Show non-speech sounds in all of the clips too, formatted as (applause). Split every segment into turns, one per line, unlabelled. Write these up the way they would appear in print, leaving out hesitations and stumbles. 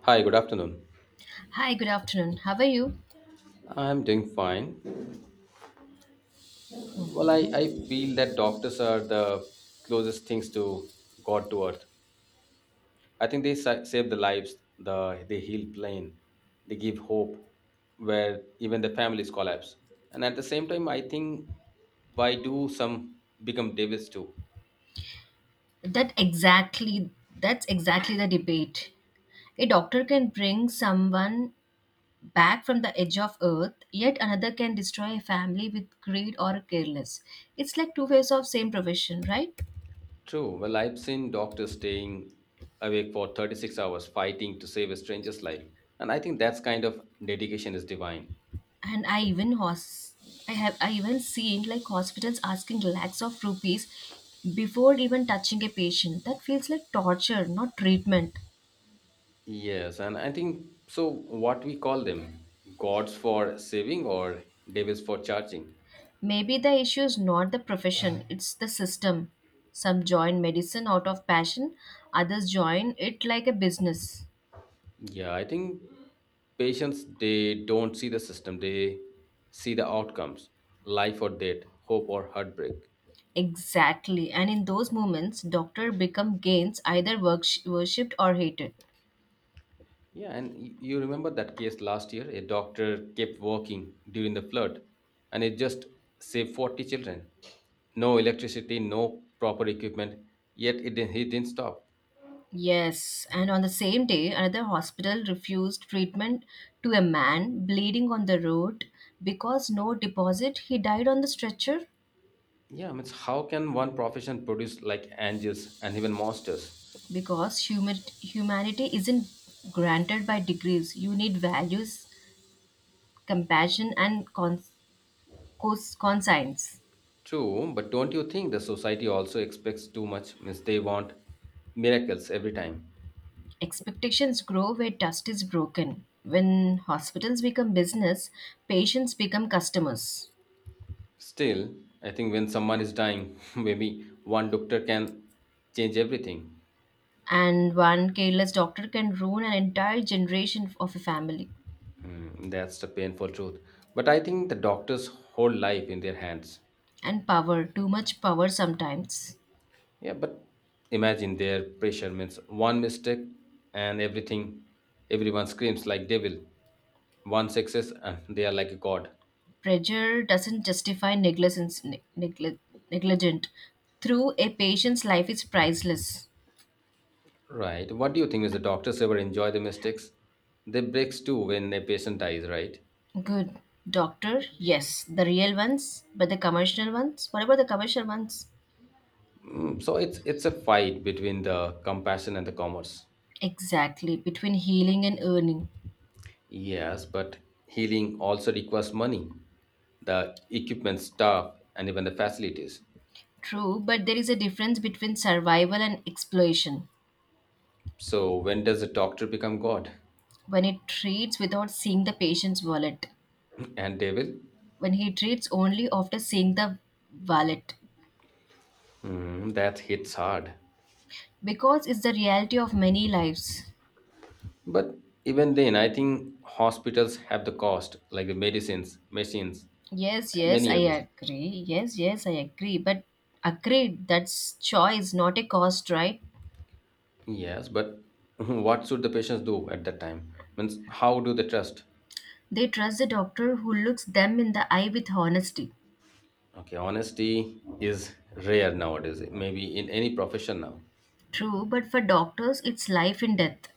Hi, good afternoon.
Hi, good afternoon. How are you?
I'm doing fine. Well, I feel that doctors are the closest things to God to earth. I think they save the lives, they heal pain, they give hope where even the families collapse. And at the same time, I think why do some become devils too?
That exactly that's exactly the debate. A doctor can bring someone back from the edge of earth, yet another can destroy a family with greed or careless. It's like two ways of same profession, right?
True. Well, I've seen doctors staying awake for 36 hours fighting to save a stranger's life. And I think that's kind of dedication is divine.
And I even seen like hospitals asking lakhs of rupees before even touching a patient. That feels like torture, not treatment.
Yes, and I think so. What we call them gods for saving or devils for charging.
Maybe the issue is not the profession, it's the system. Some join medicine out of passion, others join it like a business.
Yeah, I think patients they don't see the system, they see the outcomes life or death, hope or heartbreak.
Exactly. And in those moments, doctor become gains either worshipped or hated.
Yeah, and you remember that case last year? A doctor kept working during the flood and it just saved 40 children. No electricity, no proper equipment, yet it, didn't- he didn't stop.
Yes, and on the same day, another hospital refused treatment to a man bleeding on the road because no deposit. He died on the stretcher
Yeah, I mean, how can one profession produce like angels and even monsters?
because humanity isn't granted by degrees. You need values compassion, and conscience.
True, but don't you think the society also expects too much? Means they want miracles every time.
Expectations grow where trust is broken. When hospitals become business, patients become customers.
Still, I think when someone is dying, (laughs) maybe one doctor can change everything.
And one careless doctor can ruin an entire generation of a family.
Hmm, that's the painful truth. But I think the doctors hold life in their hands.
And power, too much power sometimes.
Yeah, but imagine their pressure means one mistake and everything, everyone screams like devil. One success and they are like a god.
Pressure doesn't justify negligence, negligent. Through a patient's life is priceless.
Right. What do you think? Is the doctors ever enjoy the mistakes? They breaks too when a patient dies, right?
Good. Doctor, yes. The real ones, but the commercial ones? What about the commercial ones?
So it's a fight between the compassion and the commerce.
Exactly, between healing and earning.
Yes, but healing also requires money, the equipment, staff, and even the facilities.
True, but there is a difference between survival and exploitation.
So when does a doctor become god
When it treats without seeing the patient's wallet,
(laughs) and devil?
when he treats only after seeing the wallet,
Mm, that hits hard.
because it's the reality of many lives.
But even then, I think hospitals have the cost, like the medicines, machines,
Yes, yes,
many
I
others.
agree. Yes, yes, I agree. But agreed, that's choice, not a cost, right?
Yes, but (laughs) what should the patients do at that time? Means how do they trust?
They trust the doctor who looks them in the eye with honesty.
Okay, honesty is rare nowadays. Maybe in any profession now.
True, but for doctors, it's life and death.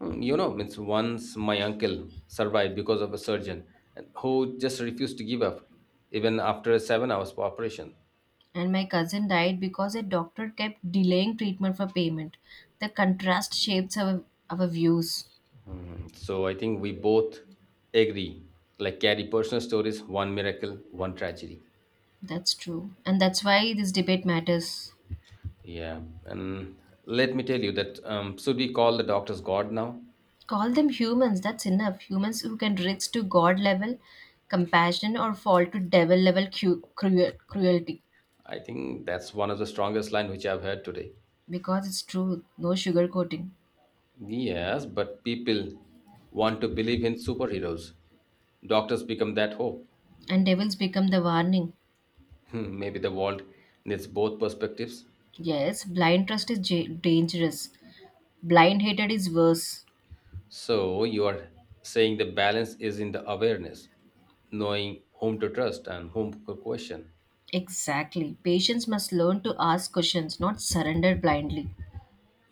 Mm, you know, means once my uncle survived because of a surgeon and who just refused to give up, even after a 7 hours operation.
And my cousin died because a doctor kept delaying treatment for payment. The contrast shapes our views.
Mm, so I think we both agree. Like carry personal stories, one miracle, one tragedy.
That's true. And that's why this debate matters.
Yeah, and let me tell you that should we call the doctors God now?
Call them humans, that's enough. Humans who can reach to God level compassion or fall to devil level cruelty.
I think that's one of the strongest line which I've heard today.
Because it's true, no sugarcoating.
Yes, but people want to believe in superheroes. Doctors become that hope. (laughs)
And devils become the warning.
Hmm, maybe the world needs both perspectives.
Yes, blind trust is ja dangerous. Blind hatred is worse.
So you are saying the balance is in the awareness, knowing whom to trust and whom to question.
Exactly. Patients must learn to ask questions, not surrender blindly.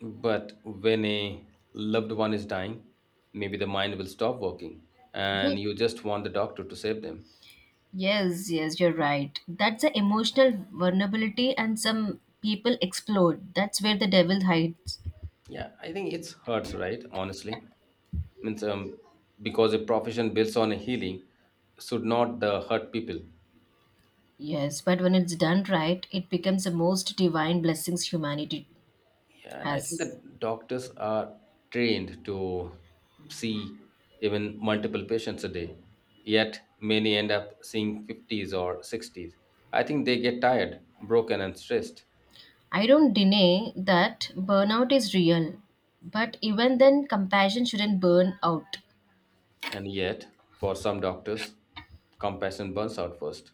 But when a loved one is dying, maybe the mind will stop working and
You,
you just want the doctor to save them.
yes, yes, you're right. That's the emotional vulnerability, and some people explode. That's where the devil hides.
Yeah, I think it hurts, right? Honestly, means because a profession builds on a healing should not the hurt people.
Yes, but when it's done right, it becomes the most divine blessings humanity
Yeah, and I think
has.
that doctors are trained to see even multiple patients a day. Yet many end up seeing 50s or 60s. I think they get tired, broken, and stressed.
I don't deny that burnout is real, but even then, compassion shouldn't burn out.
And yet, for some doctors, compassion burns out first.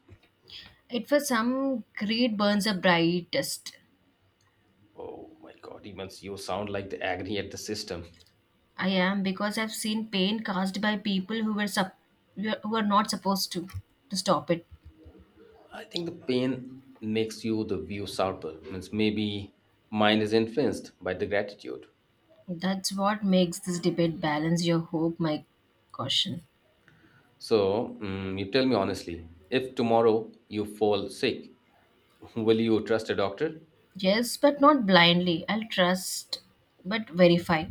It for some, greed burns the brightest.
Oh my god, even you sound like the agony at the system.
I am because I've seen pain caused by people who who are not supposed to stop it.
I think the pain makes you the view sharper. Means maybe mine is influenced by the gratitude.
That's what makes this debate balance your hope, my caution.
So you tell me honestly, if tomorrow you fall sick, (laughs) will you trust a doctor?
Yes, but not blindly. I'll trust, but verify.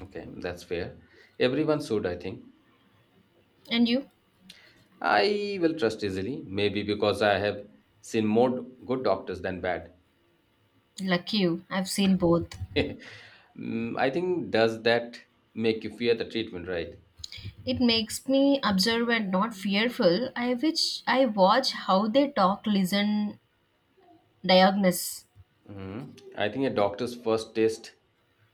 Okay, that's fair. Everyone should, I think.
And you,
I will trust easily, maybe because I have seen more good doctors than bad.
lucky you, I've seen both.
(laughs) Mm, I think does that make you fear the treatment, right?
It makes me observant, not fearful. I wish I watch how they talk, listen, diagnose.
Hmm. I think a doctor's first test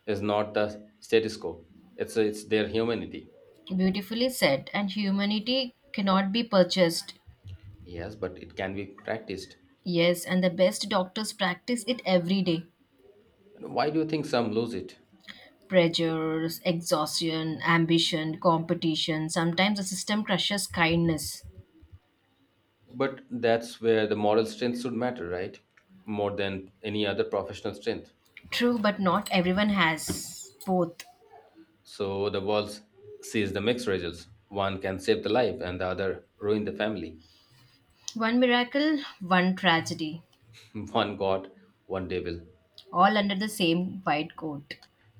is not the status quo; it's their humanity.
Beautifully said. And humanity cannot be purchased.
Yes, but it can be practiced.
Yes, and the best doctors practice it every day.
Why do you think some lose it?
Pressures, exhaustion, ambition, competition. Sometimes the system crushes kindness.
But that's where the moral strength should matter, right? More than any other professional strength.
True, but not everyone has both.
So the world sees the mixed results. One can save the life, and the other ruin the family.
One miracle, one tragedy,
(laughs) One God, one devil.
all under the same white coat.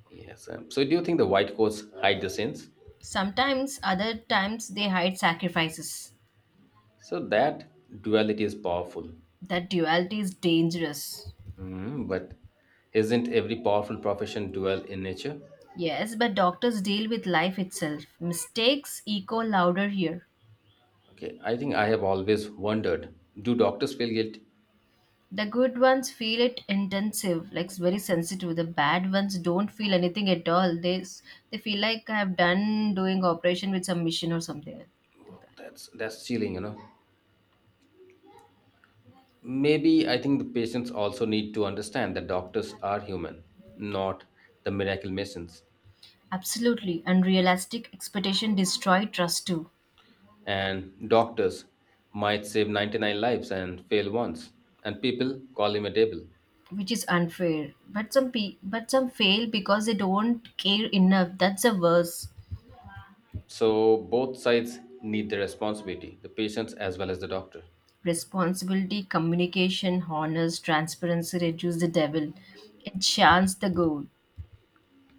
Yes. So, do you think the white coats hide the sins?
Sometimes, other times, they hide sacrifices.
So that duality is powerful.
That duality is dangerous.
Mm, but isn't every powerful profession dual in nature?
Yes, but doctors deal with life itself. Mistakes echo louder here.
Okay. I think I have always wondered: do doctors feel guilt?
The good ones feel it intensive, like it's very sensitive. The bad ones don't feel anything at all. They feel like I have done doing operation with some mission or something like that.
That's chilling, you know. Maybe I think the patients also need to understand that doctors are human, not the miracle missions.
Absolutely, unrealistic expectation destroy trust too,
And doctors might save 99 lives and fail once, and people call him a devil.
which is unfair. But but some fail because they don't care enough. That's the worst.
So both sides need the responsibility, the patients as well as the doctor.
Responsibility, communication, honors, transparency reduce the devil, and chance the goal.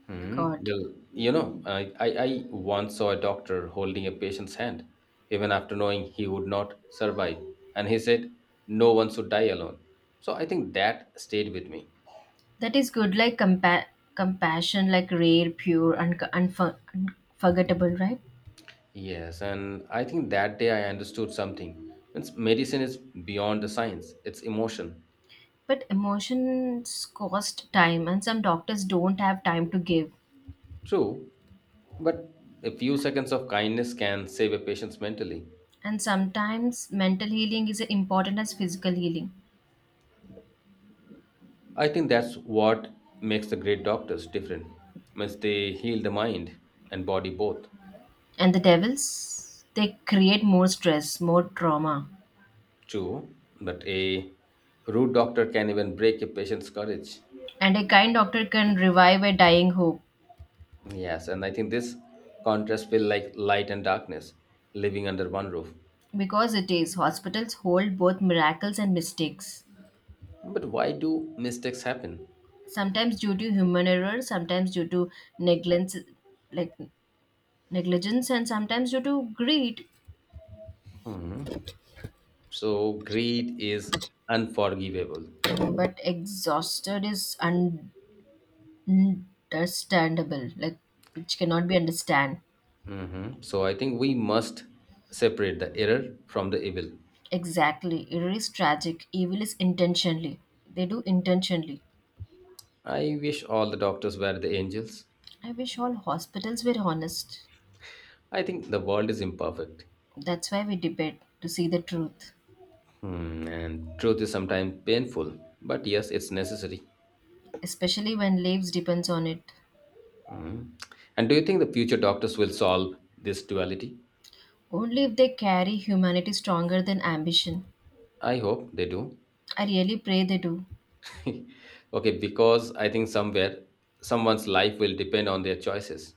Hmm.
God.
Well, you know, I once saw a doctor holding a patient's hand, even after knowing he would not survive. And he said, no one should die alone. So I think that stayed with me.
That is good, like compassion, like rare, pure, and unforgettable, right?
Yes, and I think that day I understood something. Means medicine is beyond the science, it's emotion.
But emotions cost time, and some doctors don't have time to give.
True, but a few seconds of kindness can save a patient's mentally.
And sometimes mental healing is important as physical healing.
I think that's what makes the great doctors different. Means they heal the mind and body both.
And the devils, they create more stress, more trauma.
True, but a rude doctor can even break a patient's courage.
And a kind doctor can revive a dying hope
Yes, and I think this contrast feel like light and darkness living under one roof.
because it is hospitals hold both miracles and mistakes.
But why do mistakes happen?
Sometimes due to human error, sometimes due to negligence, like negligence and sometimes due to greed
Hmm. So greed is unforgivable.
but exhausted is understandable like which cannot be understand
Hmm. So I think we must separate the error from the evil.
exactly it is tragic evil is intentionally they do intentionally.
I wish all the doctors were the angels.
I wish all hospitals were honest.
I think the world is imperfect.
That's why we debate, to see the truth,
Hmm, and truth is sometimes painful, but yes, it's necessary.
especially when lives depends on it,
Hmm. And do you think the future doctors will solve this duality?
only if they carry humanity stronger than ambition.
I hope they do.
I really pray they do.
(laughs) Okay, because I think somewhere someone's life will depend on their choices.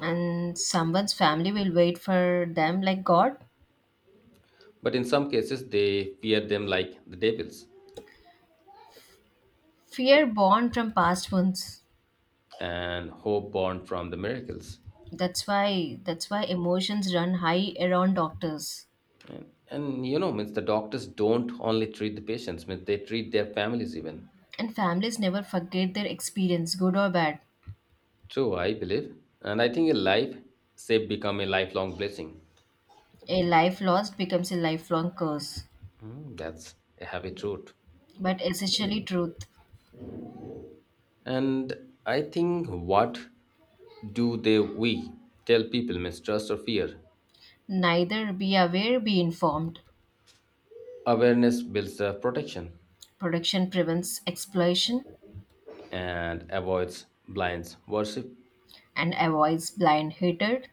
And someone's family will wait for them like god.
But in some cases, they fear them like the devils
Fear born from past ones.
and hope born from the miracles.
That's why emotions run high around doctors,
And you know, means the doctors don't only treat the patients, means they treat their families even.
and families never forget their experience good or bad.
True, I believe. And I think a life shape become a lifelong blessing.
A life lost becomes a lifelong curse,
Mm, that's a heavy truth.
but essentially truth.
And I think what do they we tell people mistrust or fear?
Neither, be aware, be informed.
Awareness builds the protection
Protection prevents exploitation
and avoids blinds worship.
and avoids blind hatred.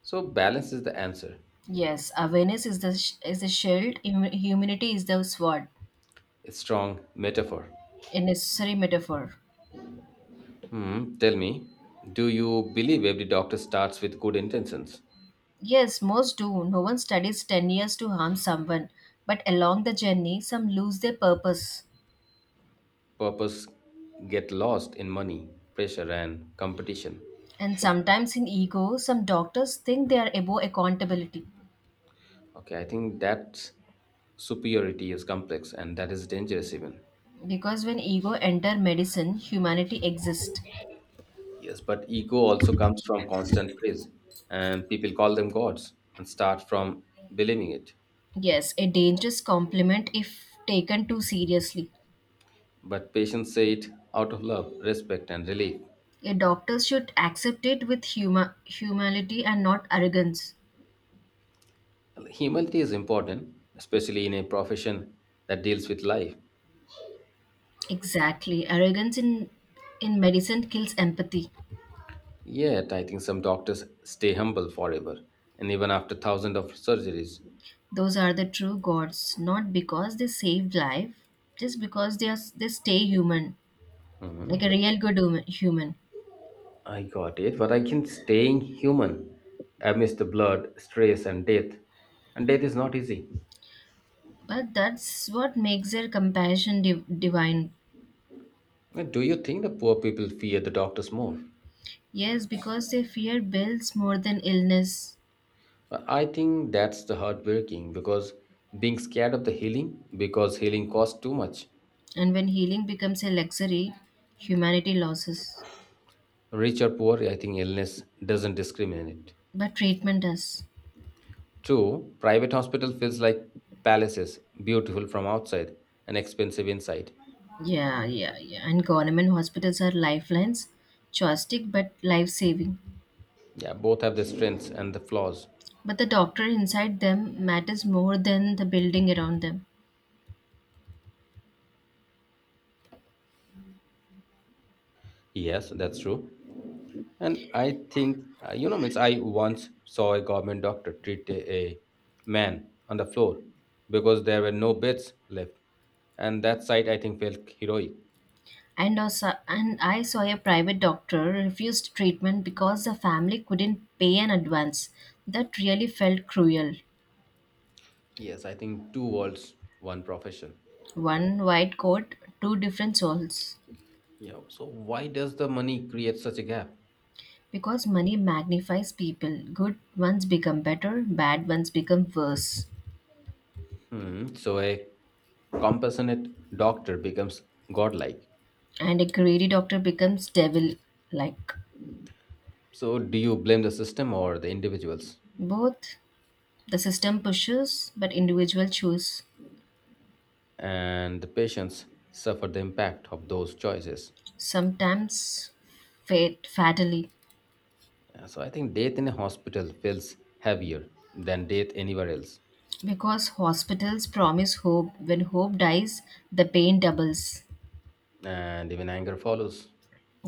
So balance is the answer.
Yes, awareness is is the shield. Humanity is the sword,
A strong metaphor.
a necessary metaphor.
Hmm, tell me, do you believe every doctor starts with good intentions?
Yes, most do. No one studies 10 years to harm someone. But along the journey, some lose their purpose.
Purpose get lost in money, pressure and competition.
And sometimes in ego, some doctors think they are above accountability.
Okay, I think that superiority is complex and that is dangerous even.
Because when ego enter medicine, humanity exists.
Yes, but ego also comes from constant praise, and people call them gods and start from believing it.
Yes, a dangerous compliment if taken too seriously.
But patients say it out of love, respect, and relief.
A doctor should accept it with humility and not arrogance.
Well, humility is important, especially in a profession that deals with life.
Exactly. Arrogance in medicine kills empathy.
Yet, I think some doctors stay humble forever, and even after thousands of surgeries.
Those are the true gods, not because they saved life, just because they stay human, like a
Mhm.
real good human.
I got it, but I can staying human amidst the blood, stress, and death. And death is not easy.
But that's what makes their compassion divine.
Do you think the poor people fear the doctors more?
Yes, because their fear builds more than illness,
I think that's the heartbreaking because being scared of the healing because healing costs too much.
and when healing becomes a luxury, humanity loses,
Rich or poor, I think illness doesn't discriminate.
but treatment does.
Two, private hospital feels like palaces, beautiful from outside and expensive inside.
Yeah, yeah, yeah. And government hospitals are lifelines, choistic but life saving.
Yeah, both have their strengths and the flaws.
But the doctor inside them matters more than the building around them.
Yes, that's true. And I think, you know, means I once saw a government doctor treat a man on the floor because there were no beds left. And that sight, I think, felt heroic.
And also, and I saw a private doctor refused treatment because the family couldn't pay an advance. That really felt cruel.
Yes, I think two worlds, one profession.
One white coat, two different souls.
Yeah. So why does the money create such a gap?
Because money magnifies people. Good ones become better, bad ones become worse.
Hmm. So a compassionate doctor becomes godlike.
And a greedy doctor becomes devil like.
So do you blame the system or the individuals?
Both, the system pushes, but individual choose.
And the patients suffer the impact of those choices.
Sometimes fate fatally.
Yeah, so I think death in a hospital feels heavier than death anywhere else,
Because hospitals promise hope. When hope dies, the pain doubles.
and even anger follows.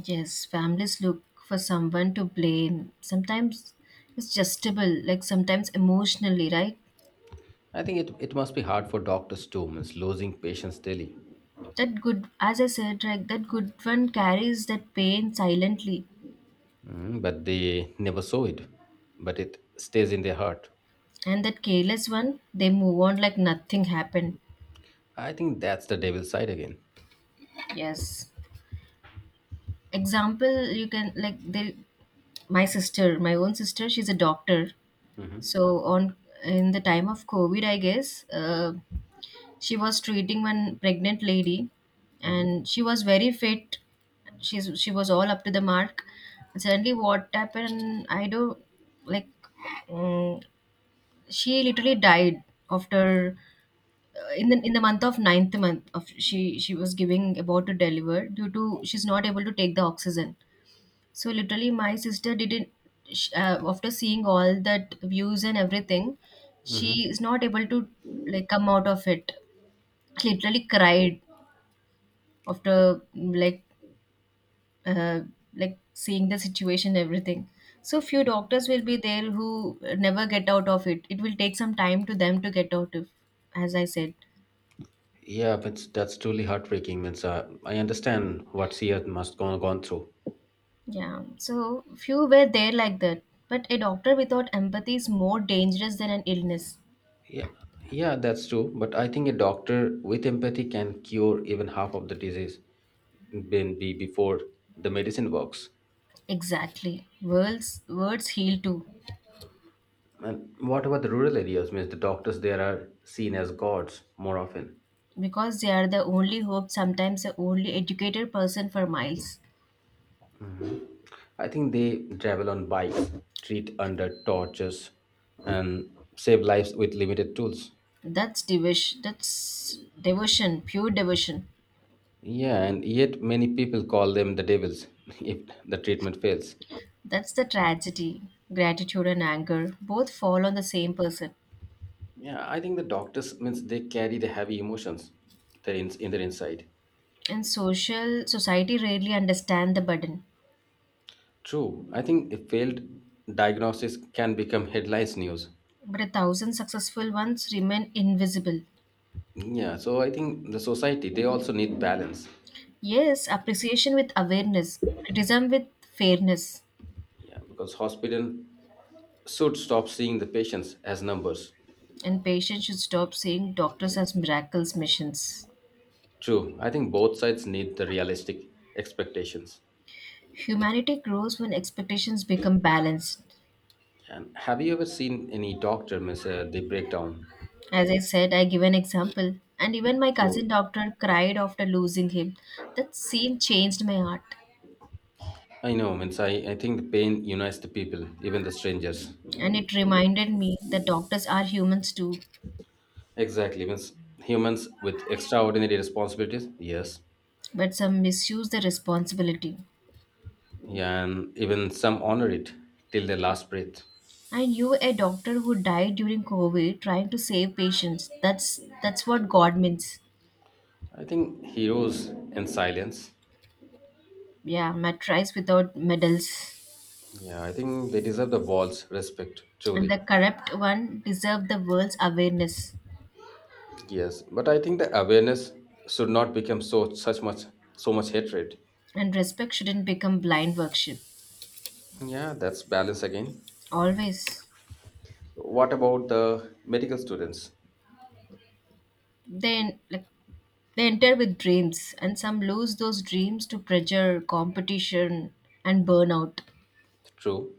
Yes, families look for someone to blame. Sometimes it's justable, like sometimes emotionally, right?
I think it must be hard for doctors too, means losing patients daily.
That good, as I said, like that good one carries that pain silently,
Mm, but they never saw it, but it stays in their heart.
and that careless one, they move on like nothing happened.
I think that's the devil's side again.
Yes. Example, you can like they my sister, my own sister, she's a doctor.
Hmm.
So on in the time of COVID, I guess, she was treating one pregnant lady,
Hmm.
and she was very fit. She was all up to the mark, and suddenly what happened I don't like um, she literally died after in the month of ninth month of, she was giving about to deliver due to she's not able to take the oxygen. So literally my sister didn't after seeing all that views and everything, she
Hmm.
is not able to like come out of it, literally cried after uh, like seeing the situation everything. So few doctors will be there who never get out of it. It will take some time to them to get out of, as I said.
Yeah, but that's truly heartbreaking. Means I understand what she has must gone through.
Yeah, so few were there like that, but a doctor without empathy is more dangerous than an illness.
Yeah, yeah, that's true. But I think a doctor with empathy can cure even half of the disease than be before the medicine works.
Exactly. Words heal too.
And what about the rural areas? Means the doctors there are seen as gods more often.
Because they are the only hope, sometimes the only educated person for miles.
I think they travel on bikes, treat under tortures, and save lives with limited tools.
That's devotion, pure devotion.
Yeah, and yet many people call them the devils (laughs) if the treatment fails.
That's the tragedy. Gratitude and anger both fall on the same person.
Yeah, I think the doctors means they carry the heavy emotions that in their inside.
And social society rarely understand the burden.
True. I think a failed diagnosis can become headlines news.
But a thousand successful ones remain invisible.
Yeah. So I think the society they also need balance.
Yes, appreciation with awareness, criticism with fairness,
Yeah, because hospital should stop seeing the patients as numbers.
and patients should stop seeing doctors as miracles missions.
True. I think both sides need the realistic expectations.
Humanity grows when expectations become balanced.
And have you ever seen any doctor miss the breakdown?
As I said, I give an example, and even my
True.
cousin doctor cried after losing him. That scene changed my heart.
I know, means I think the pain unites the people, even the strangers.
And it reminded me that doctors are humans too,
Exactly, means humans with extraordinary responsibilities. Yes.
but some misuse the responsibility.
Yeah, and even some honor it till their last breath.
I knew a doctor who died during COVID trying to save patients. That's what God means.
I think heroes in silence.
Yeah, matrice without medals.
Yeah, I think they deserve the world's respect,
And the
truly.
corrupt one deserve the world's awareness.
Yes, but I think the awareness should not become so much hatred.
And respect shouldn't become blind worship.
Yeah, that's balance again.
Always.
What about the medical students?
they like they enter with dreams and some lose those dreams to pressure, competition and burnout.
True.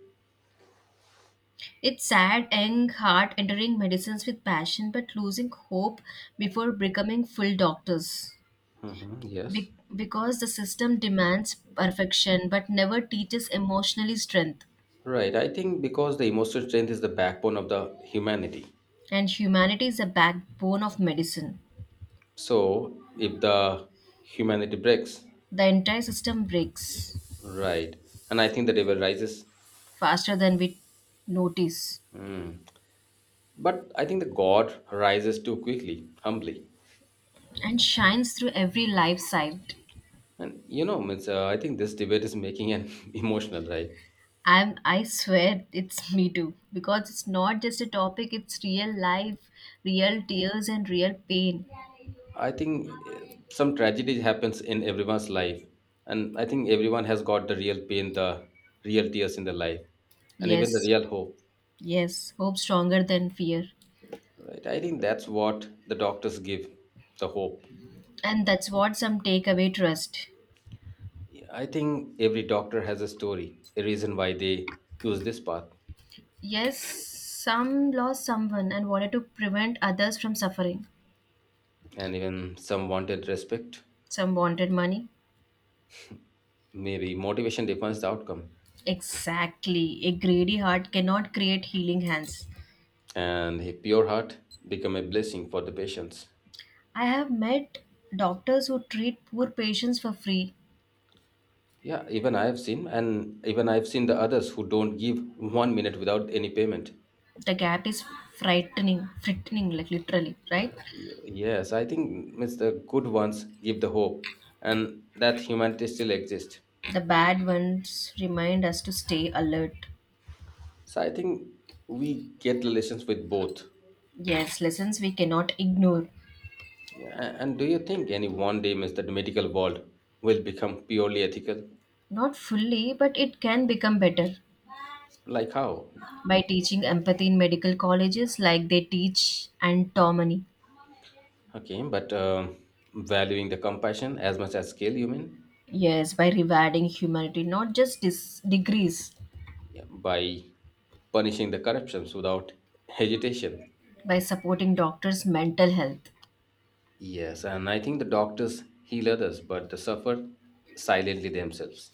It's sad, young heart entering medicines with passion but losing hope before becoming full doctors.
Hmm, yes.
Because the system demands perfection but never teaches emotionally strength.
Right. I think because the emotional strength is the backbone of the humanity.
And humanity is the backbone of medicine.
So if the humanity breaks,
The entire system breaks
right. And I think the devil rises.
faster than we notice
Mm. But I think the God rises too quickly, humbly.
and shines through every life side.
And I think this debate is making an (laughs) emotional, right?
I swear it's me too because it's not just a topic, it's real life, real tears, and real pain.
I think some tragedy happens in everyone's life. And I think everyone has got the real pain, the real tears in their life, and even the
Yes,
real hope,
yes, hope stronger than fear.
right? I think that's what the doctors give the hope.
And that's what some take away trust.
I think every doctor has a story, a reason why they choose this path.
Yes, some lost someone and wanted to prevent others from suffering.
And even some wanted respect.
Some wanted money.
Maybe motivation defines the outcome,
Exactly. A greedy heart cannot create healing hands.
and a pure heart become a blessing for the patients.
I have met doctors who treat poor patients for free.
Yeah, even I have seen the others who don't give 1 minute without any payment.
The gap is frightening, like literally, right?
Yes, I think it's the good ones give the hope, and that humanity still exists.
The bad ones remind us to stay alert.
So I think we get relations with both.
Yes, lessons we cannot ignore.
Yeah, and do you think any one day, Mr. the medical world will become purely ethical?
Not fully, but it can become better
Like how?
by teaching empathy in medical colleges like they teach anatomy.
Okay, but valuing the compassion as much as skill, you mean?
Yes, by rewarding humanity, not just degrees,
Yeah, by punishing the corruptions without hesitation.
by supporting doctors' mental health.
Yes, and I think the doctors heal others, but they suffer silently themselves.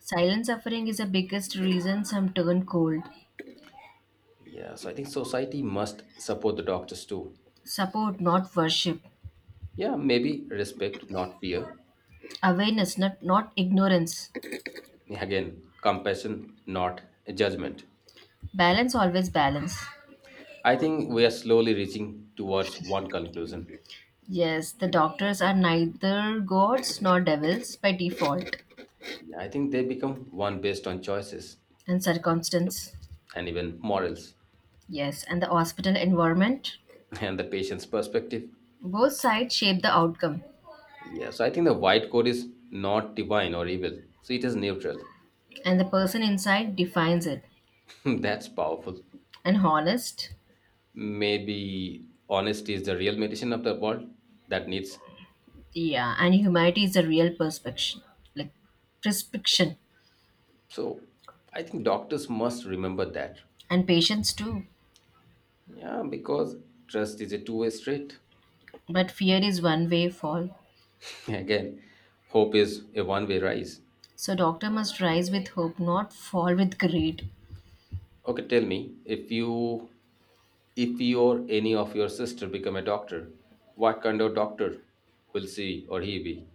Silent suffering is the biggest reason some turn cold.
Yeah, so I think society must support the doctors too.
Support, not worship.
Yeah, maybe respect, not fear.
Awareness, not ignorance.
Again, compassion, not judgment.
Balance, always balance.
I think we are slowly reaching towards one conclusion.
Yes, the doctors are neither gods nor devils by default
Yeah, I think they become one based on choices
and circumstance.
and even morals,
Yes, and the hospital environment.
and the patient's perspective.
Both sides shape the outcome,
Yeah, so I think the white coat is not divine or evil, so it is neutral.
and the person inside defines it.
(laughs) That's powerful.
And honest,
Maybe honesty is the real medicine of the world that needs.
yeah, and humanity is a real perspective, like prescription,
So I think doctors must remember that.
and patience too.
Yeah, because trust is a two-way street.
But fear is one way fall.
(laughs) Again, hope is a one way rise.
So doctor must rise with hope, not fall with greed.
Okay, tell me if you or any of your sister become a doctor, what kind of doctor will she or he be?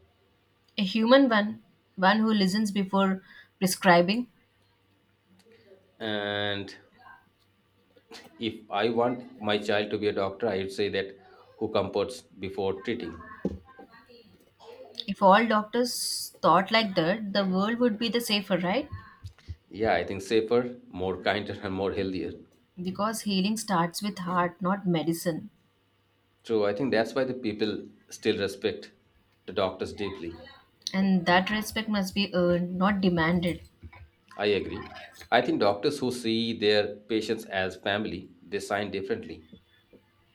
A human one, one who listens before prescribing.
And if I want my child to be a doctor, I would say that, who comforts before treating.
If all doctors thought like that, the world would be the safer, right?
Yeah, I think safer, more kinder, and more healthier.
Because healing starts with heart, not medicine.
So I think that's why the people still respect the doctors deeply.
And that respect must be earned, not demanded.
I agree. I think doctors who see their patients as family, they sign differently,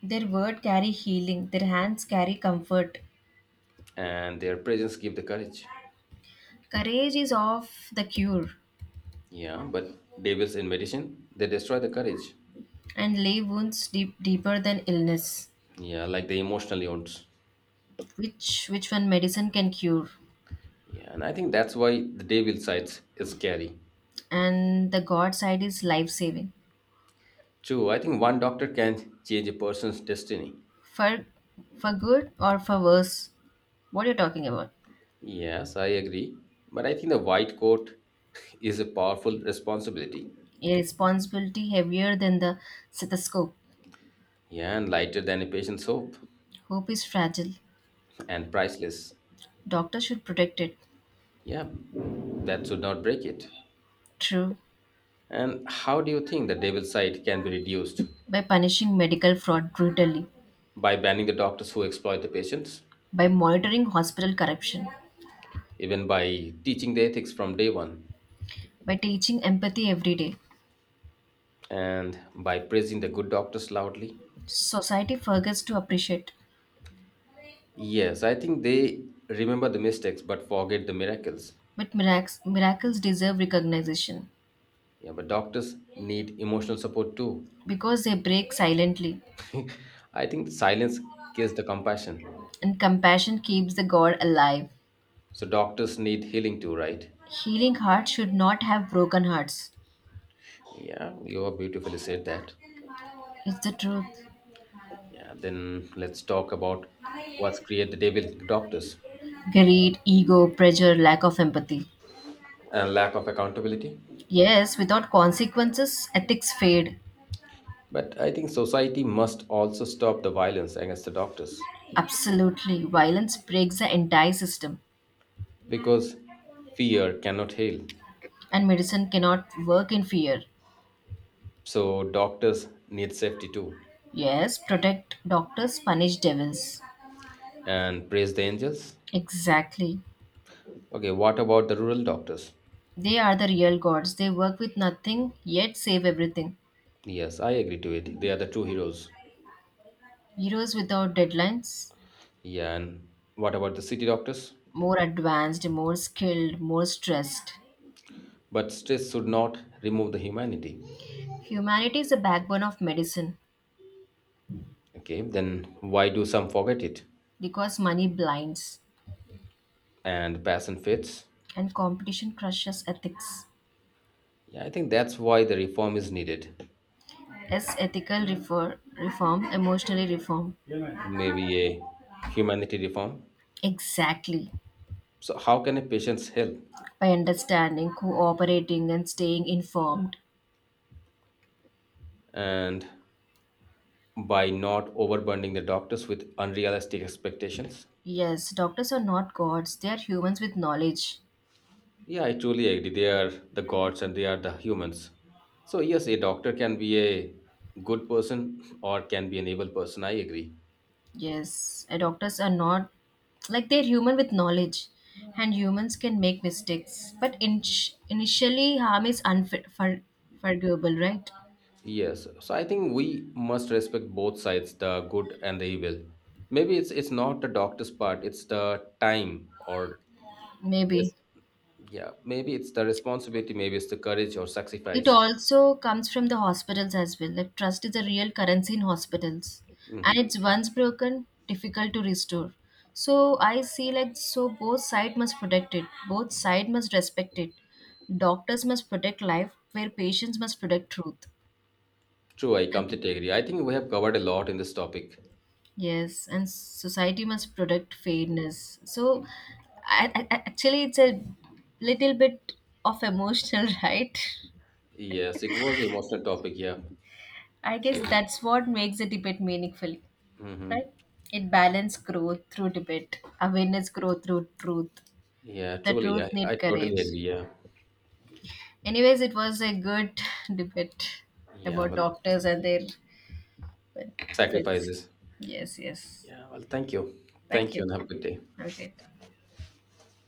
Their word carry healing, their hands carry comfort.
and their presence give the courage.
Courage is of the cure
Yeah, but devils in medicine, they destroy the courage.
and lay wounds deep, deeper than illness,
Yeah, like the emotional wounds.
which one medicine can cure.
Yeah, and I think that's why the devil sides is scary.
And the God side is life saving.
True, I think one doctor can change a person's destiny.
For for good or for worse, what are you talking about?
Yes, I agree. But I think the white coat (laughs) is a powerful responsibility.
A responsibility heavier than the stethoscope.
Yeah, and lighter than a patient's hope,
Hope is fragile.
and priceless.
Doctors should protect it.
Yeah, that should not break it.
True.
And how do you think the devil's side can be reduced?
By punishing medical fraud brutally,
By banning the doctors who exploit the patients,
by monitoring hospital corruption,
even by teaching the ethics from day one,
by teaching empathy every day.
and by praising the good doctors loudly.
Society forgets to appreciate,
Yes, I think they remember the mistakes but forget the miracles.
but miracles deserve recognition
Yeah, but doctors need emotional support too.
because they break silently,
I think silence gives the compassion.
and compassion keeps the God alive.
So doctors need healing too, right?
Healing hearts should not have broken hearts.
Yeah, you have beautifully said that.
It's the truth.
Yeah, then let's talk about what's create the devil in doctors,
Greed, ego, pressure, lack of empathy.
and lack of accountability.
Yes, without consequences, ethics fade.
But I think society must also stop the violence against the doctors,
Absolutely. Violence breaks the entire system,
because fear cannot heal.
and medicine cannot work in fear.
So doctors need safety too.
Yes, protect doctors, punish devils.
And praise the angels.
Exactly.
Okay, what about the rural doctors?
They are the real gods. They work with nothing, yet save everything.
Yes, I agree to it. They are the true heroes.
Heroes without deadlines,
Yeah, and what about the city doctors?
more advanced, more skilled, more stressed.
But stress should not remove the humanity.
Humanity is the backbone of medicine
Okay, then why do some forget it?
because money blinds
And passion fits?
and competition crushes ethics.
Yeah, I think that's why the reform is needed.
Yes, ethical reform, emotionally reform.
Maybe a humanity reform.
Exactly.
So how can a patient's help?
By understanding, cooperating, and staying informed.
And by not overburdening the doctors with unrealistic expectations?
Yes, doctors are not gods, they are humans with knowledge.
Yeah, I truly agree. They are the gods and they are the humans. So, yes, a doctor can be a good person (laughs) or can be an evil person. I agree.
Yes, and doctors are not like they're human with knowledge, and humans can make mistakes. But initially, harm is unforgivable, right?
Yes. So, I think we must respect both sides, the good and the evil. Maybe it's not the doctor's part, it's the time, or it's,
Maybe.
yeah, maybe it's the responsibility, maybe it's the courage or
It
sacrifice.
also comes from the hospitals as well. Like trust is a real currency in hospitals, and
Hmm.
it's once broken, difficult to restore. So I see like so both side must protect it. Both side must respect it. Doctors must protect life, where patients must protect truth.
True, I
And
completely agree. I think we have covered a lot in this topic.
yes, and society must protect fairness. So I- actually, it's a little bit of emotional, (laughs) right?
Yes, it was an emotional topic, yeah.
I
So,
guess that's what makes the debate meaningful.
mhm.
Right? It balanced growth through debate, awareness growth through truth.
Yeah,
The
truly, I,
truth need
I totally
courage.
agree. Yeah,
Anyways, it was a good (laughs) (sighs) debate
yeah.
about
Well,
doctors and their benefits.
sacrifices.
Yes, yes.
Yeah. Well,
Thank
thank you,
you.
and have a good day.
Have a great day.